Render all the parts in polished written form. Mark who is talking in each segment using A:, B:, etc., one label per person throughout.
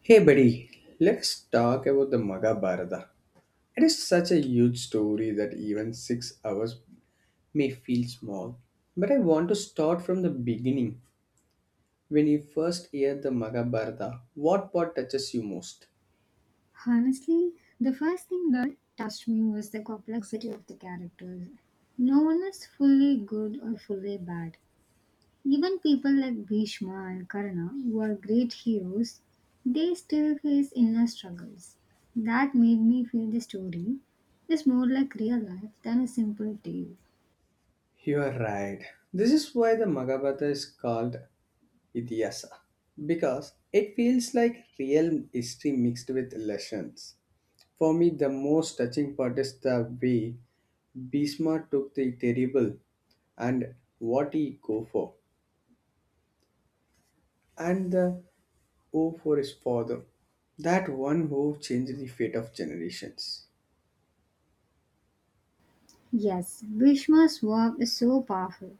A: Hey, buddy, let's talk about the Maghabharata. It is such a huge story that even 6 hours may feel small. But I want to start from the beginning. When you first hear the Maghabharata, what part touches you most?
B: Honestly, the first thing that touched me was the complexity of the characters. No one is fully good or fully bad. Even people like Bhishma and Karna, who are great heroes, they still face inner struggles. That made me feel the story is more like real life than a simple tale.
A: You are right. This is why the Maghabharata is called Itihasa because it feels like real history mixed with lessons. For me, the most touching part is the way Bismarck took the terrible and what he go for, and the O for his father. That one O changed the fate of generations.
B: Yes, Bhishma's verb is so powerful.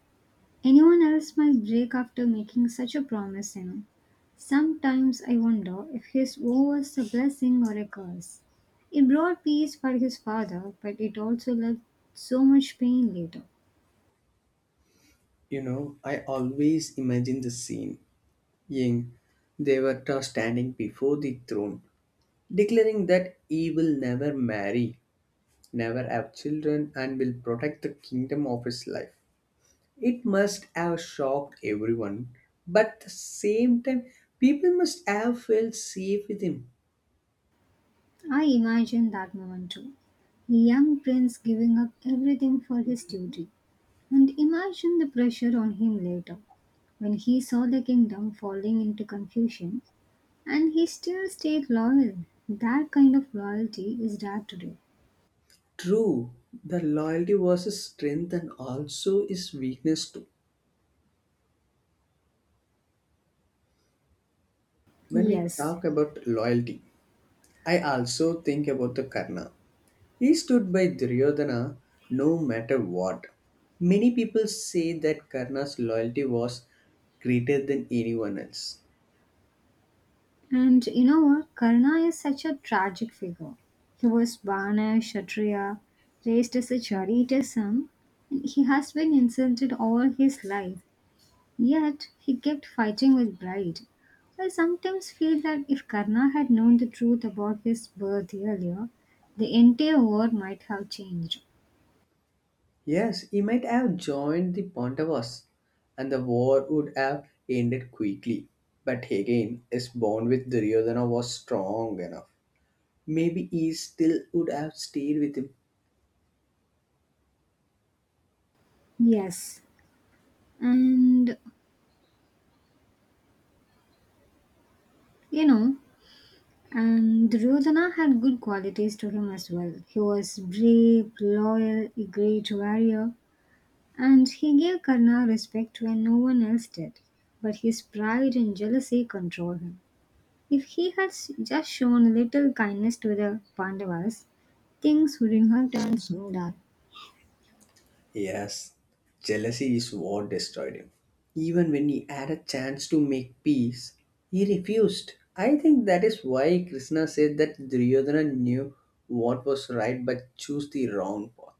B: Anyone else might break after making such a promise, Sometimes I wonder if his woe was a blessing or a curse. It brought peace for his father, but it also left so much pain later.
A: I always imagine the scene. Ying, they were standing before the throne, declaring that he will never marry, never have children, and will protect the kingdom of his life. It must have shocked everyone, but at the same time, people must have felt safe with him.
B: I imagine that moment too. A young prince giving up everything for his duty. And imagine the pressure on him later when he saw the kingdom falling into confusion and he still stayed loyal. That kind of loyalty is rare today.
A: True, the loyalty was his strength and also his weakness too. When we
B: Yes.
A: talk about loyalty, I also think about the Karna. He stood by Duryodhana no matter what. Many people say that Karna's loyalty was greater than anyone else.
B: And you know what? Karna is such a tragic figure. He was born a Kshatriya, raised as a charioteer son, and he has been insulted all his life. Yet, he kept fighting with pride. I sometimes feel that if Karna had known the truth about his birth earlier, the entire war might have changed.
A: Yes, he might have joined the Pandavas, and the war would have ended quickly. But again, his bond with Duryodhana was strong enough. Maybe he still would have stayed with him.
B: Yes, and you know, and Duryodhana had good qualities to him as well. He was brave, loyal, a great warrior, and he gave Karna respect when no one else did. But his pride and jealousy controlled him. If he just shown a little kindness to the Pandavas, things wouldn't have turned so dark.
A: Yes, jealousy is what destroyed him. Even when he had a chance to make peace, he refused. I think that is why Krishna said that Duryodhana knew what was right but chose the wrong path.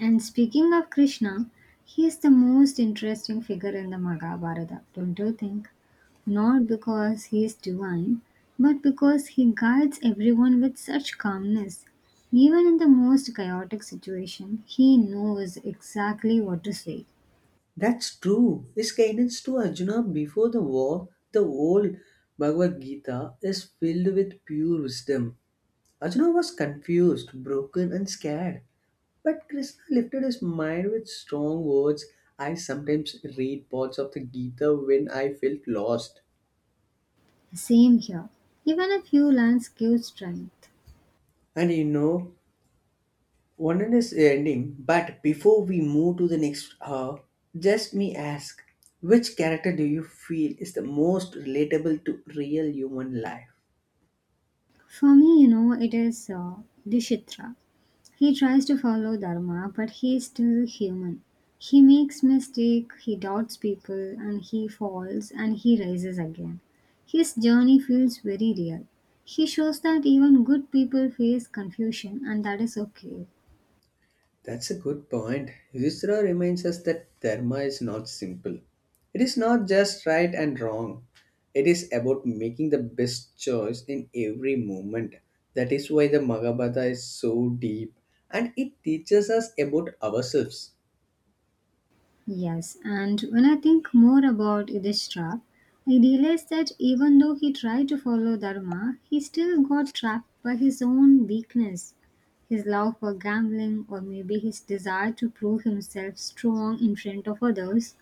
B: And speaking of Krishna, he is the most interesting figure in the Mahabharata, don't you think? Not because he is divine, but because he guides everyone with such calmness. Even in the most chaotic situation, he knows exactly what to say.
A: That's true. His guidance to Arjuna before the war, the old Bhagavad Gita, is filled with pure wisdom. Arjuna was confused, broken, and scared. But Krishna lifted his mind with strong words. I sometimes read parts of the Gita when I felt lost.
B: Same here. Even a few lines give strength.
A: And you know, one end is ending, but before we move to the next hour, just me ask which character do you feel is the most relatable to real human life?
B: For me, it is Dishitra. He tries to follow Dharma, but he is still human. He makes mistakes, he doubts people, and he falls and he rises again. His journey feels very real. He shows that even good people face confusion, and that is okay.
A: That's a good point. Yudhishthira reminds us that dharma is not simple. It is not just right and wrong. It is about making the best choice in every moment. That is why the Mahabharata is so deep and it teaches us about ourselves.
B: Yes, and when I think more about Yudhishthira, I realize that even though he tried to follow Dharma, he still got trapped by his own weakness, his love for gambling, or maybe his desire to prove himself strong in front of others.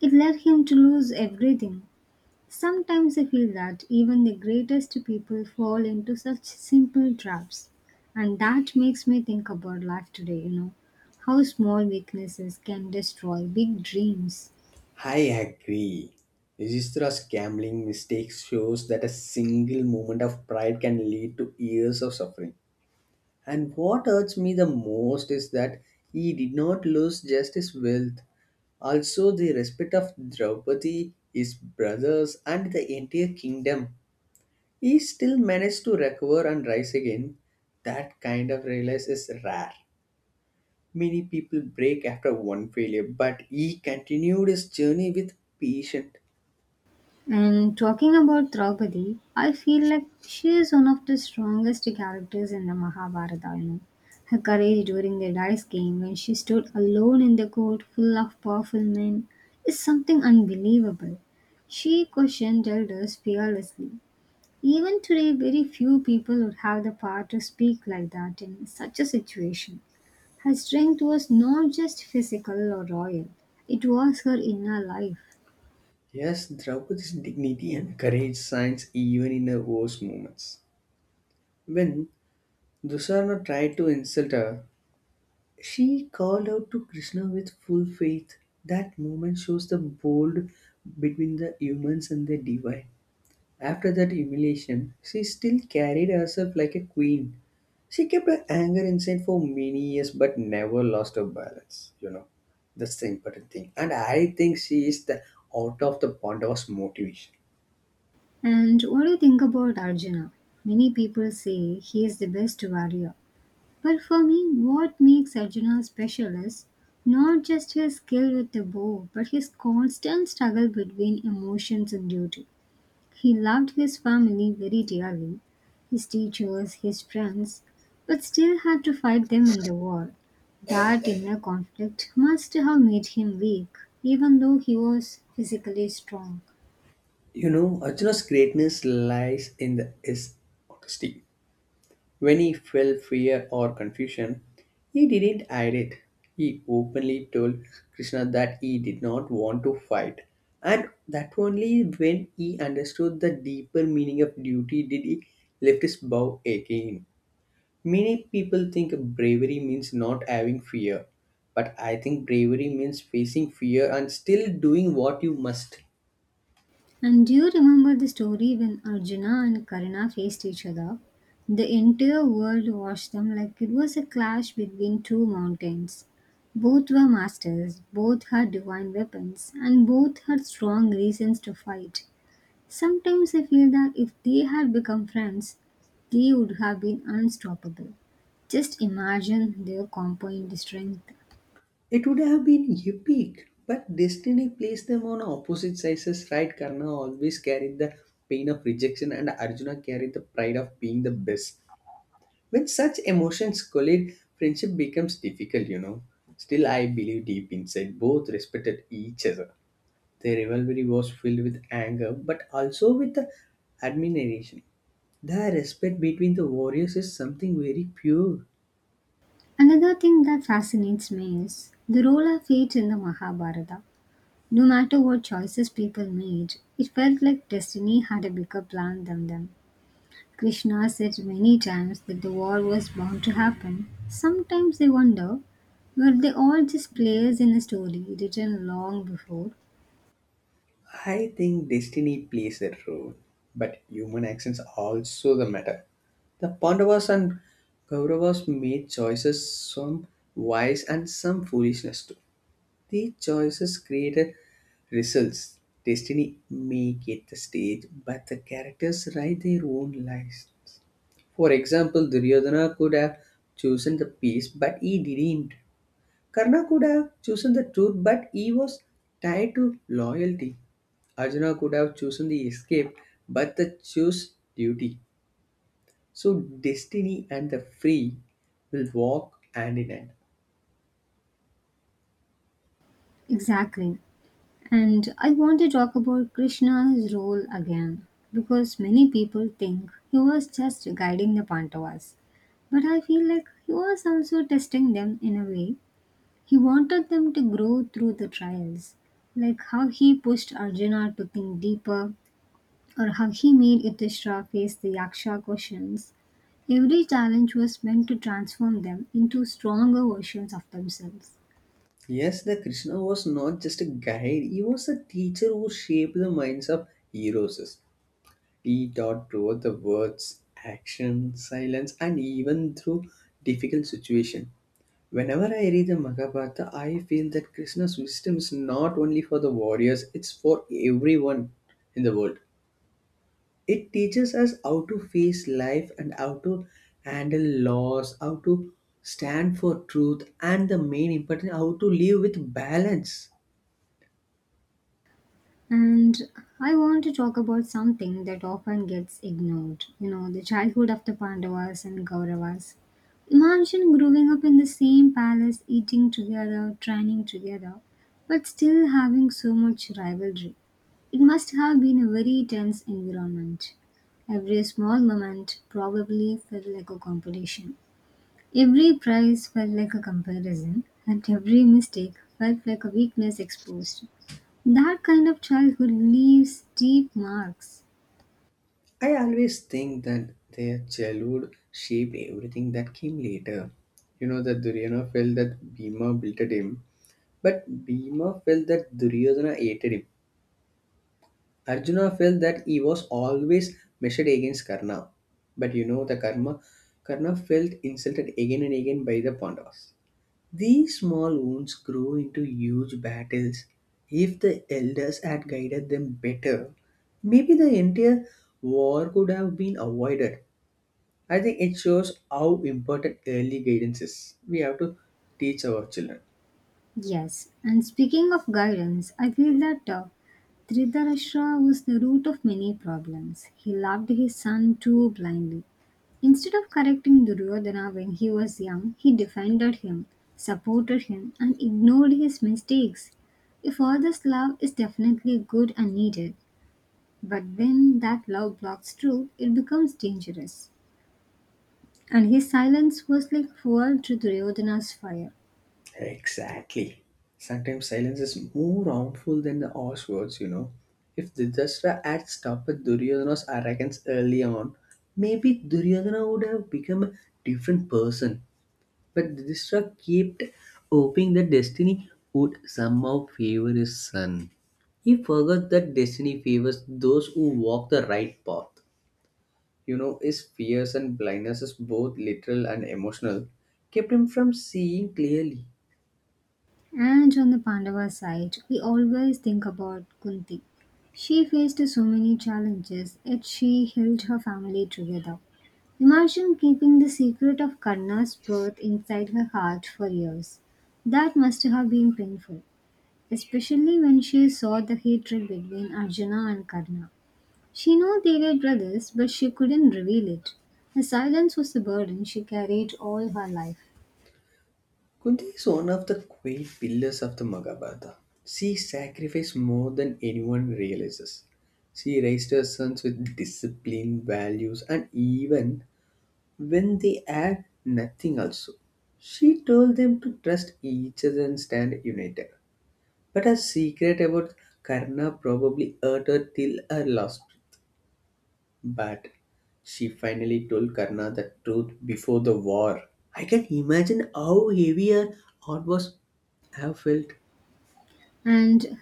B: It led him to lose everything. Sometimes I feel that even the greatest people fall into such simple traps, and that makes me think about life today, how small weaknesses can destroy big dreams.
A: I agree. Yudhishthira's gambling mistakes shows that a single moment of pride can lead to years of suffering. And what hurts me the most is that he did not lose just his wealth, also the respect of Draupadi, his brothers, and the entire kingdom. He still managed to recover and rise again. That kind of realize is rare. Many people break after one failure, but he continued his journey with patience.
B: And talking about Draupadi, I feel like she is one of the strongest characters in the Mahabharata. Her courage during the dice game when she stood alone in the court full of powerful men is something unbelievable. She questioned elders fearlessly. Even today, very few people would have the power to speak like that in such a situation. Her strength was not just physical or royal, it was her inner life.
A: Yes, Draupadi's dignity and courage shines even in her worst moments. When Dusarna tried to insult her, she called out to Krishna with full faith. That moment shows the bold between the humans and the divine. After that humiliation, she still carried herself like a queen. She kept her anger inside for many years but never lost her balance. That's the important thing. And I think she is the out of the Pandavas motivation.
B: And what do you think about Arjuna? Many people say he is the best warrior. But for me, what makes Arjuna special is not just his skill with the bow, but his constant struggle between emotions and duty. He loved his family very dearly, his teachers, his friends, but still had to fight them in the war. That inner conflict must have made him weak, even though he was physically strong.
A: Arjuna's greatness lies in his honesty. When he felt fear or confusion, he didn't hide it. He openly told Krishna that he did not want to fight. And that only when he understood the deeper meaning of duty did he lift his bow again. Many people think bravery means not having fear, but I think bravery means facing fear and still doing what you must.
B: And do you remember the story when Arjuna and Karna faced each other? The entire world watched them like it was a clash between two mountains. Both were masters, both had divine weapons, and both had strong reasons to fight. Sometimes I feel that if they had become friends, they would have been unstoppable. Just imagine their combined strength.
A: It would have been epic, but destiny placed them on opposite sides, right? Karna always carried the pain of rejection, and Arjuna carried the pride of being the best. When such emotions collide, friendship becomes difficult. Still, I believe deep inside both respected each other. Their rivalry was filled with anger, but also with the admiration. The respect between the warriors is something very pure.
B: Another thing that fascinates me is the role of fate in the Mahabharata. No matter what choices people made, it felt like destiny had a bigger plan than them. Krishna said many times that the war was bound to happen. Sometimes I wonder, were they all just players in a story written long before?
A: I think destiny plays a role, but human actions also the matter. The Pandavas and Kauravas made choices, some wise and some foolishness too. These choices created results. Destiny may get the stage, but the characters write their own lives. For example, Duryodhana could have chosen the peace, but he didn't. Karna could have chosen the truth, but he was tied to loyalty. Arjuna could have chosen the escape, but the chose duty. So destiny and the free will walk hand in hand.
B: Exactly. And I want to talk about Krishna's role again because many people think he was just guiding the Pandavas. But I feel like he was also testing them in a way. He wanted them to grow through the trials, like how he pushed Arjuna to think deeper or how he made Yudhishthira face the Yaksha questions. Every challenge was meant to transform them into stronger versions of themselves.
A: Yes, the Krishna was not just a guide, he was a teacher who shaped the minds of heroes. He taught through the words, action, silence, and even through difficult situation. Whenever I read the Mahabharata, I feel that Krishna's wisdom is not only for the warriors, it's for everyone in the world. It teaches us how to face life and how to handle loss, how to stand for truth, and the main important, how to live with balance.
B: And I want to talk about something that often gets ignored, the childhood of the Pandavas and Kauravas. Imagine growing up in the same palace, eating together, training together, but still having so much rivalry. It must have been a very tense environment. Every small moment probably felt like a competition. Every prize felt like a comparison, and every mistake felt like a weakness exposed. That kind of childhood leaves deep marks.
A: I always think that their childhood shaped everything that came later. You know that Duryodhana felt that Bhima belted him, but Bhima felt that Duryodhana hated him. Arjuna felt that he was always measured against Karna. But you know the karma Karna felt insulted again and again by the Pandavas. These small wounds grew into huge battles. If the elders had guided them better, maybe the entire war could have been avoided. I think it shows how important early guidance is. We have to teach our children.
B: Yes, and speaking of guidance, I feel that Dhritarashtra was the root of many problems. He loved his son too blindly. Instead of correcting Duryodhana when he was young, he defended him, supported him, and ignored his mistakes. A father's love is definitely good and needed, but when that love blocks truth, it becomes dangerous. And his silence was like fuel to Duryodhana's fire.
A: Exactly. Sometimes silence is more harmful than the harsh words. If Dhritarashtra had stopped Duryodhana's arrogance early on, maybe Duryodhana would have become a different person. But Dhritarashtra kept hoping that destiny would somehow favor his son. He forgot that destiny favors those who walk the right path. His fears and blindnesses, both literal and emotional, kept him from seeing clearly.
B: And on the Pandava side, we always think about Kunti. She faced so many challenges, yet she held her family together. Imagine keeping the secret of Karna's birth inside her heart for years. That must have been painful, especially when she saw the hatred between Arjuna and Karna. She knew they were brothers, but she couldn't reveal it. Her silence was the burden she carried all her life,
A: Kunti is one of the great pillars of the Mahabharata. She sacrificed more than anyone realizes. She raised her sons with discipline, values, and even when they had nothing, also. She told them to trust each other and stand united. But her secret about Karna probably hurt her till her last. But she finally told Karna the truth before the war. I can imagine how heavy her heart was have felt.
B: and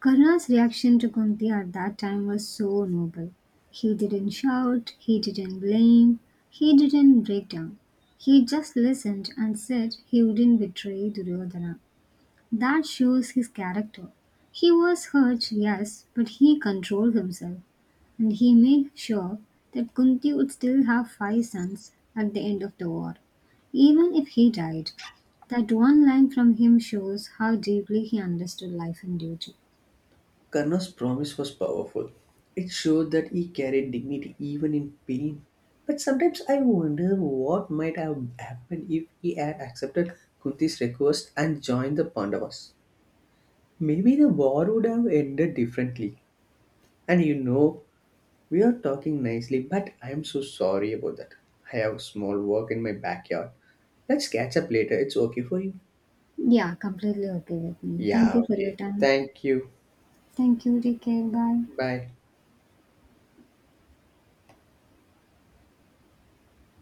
B: Karna's reaction to Kunti at that time was so noble. He didn't shout, he didn't blame, he didn't break down. He just listened and said he wouldn't betray Duryodhana. That shows his character. He was hurt, yes, but he controlled himself and he made sure that Kunti would still have five sons at the end of the war, even if he died. That one line from him shows how deeply he understood life and duty.
A: Karna's promise was powerful. It showed that he carried dignity even in pain. But sometimes I wonder what might have happened if he had accepted Kunti's request and joined the Pandavas. Maybe the war would have ended differently. And you know, We are talking nicely, but I am so sorry about that. I have small work in my backyard. Let's catch up later. It's okay for you?
B: Yeah, completely okay with me. Thank
A: Yeah,
B: you for your
A: okay.
B: time.
A: Thank you.
B: Thank you. Take care. Bye.
A: Bye.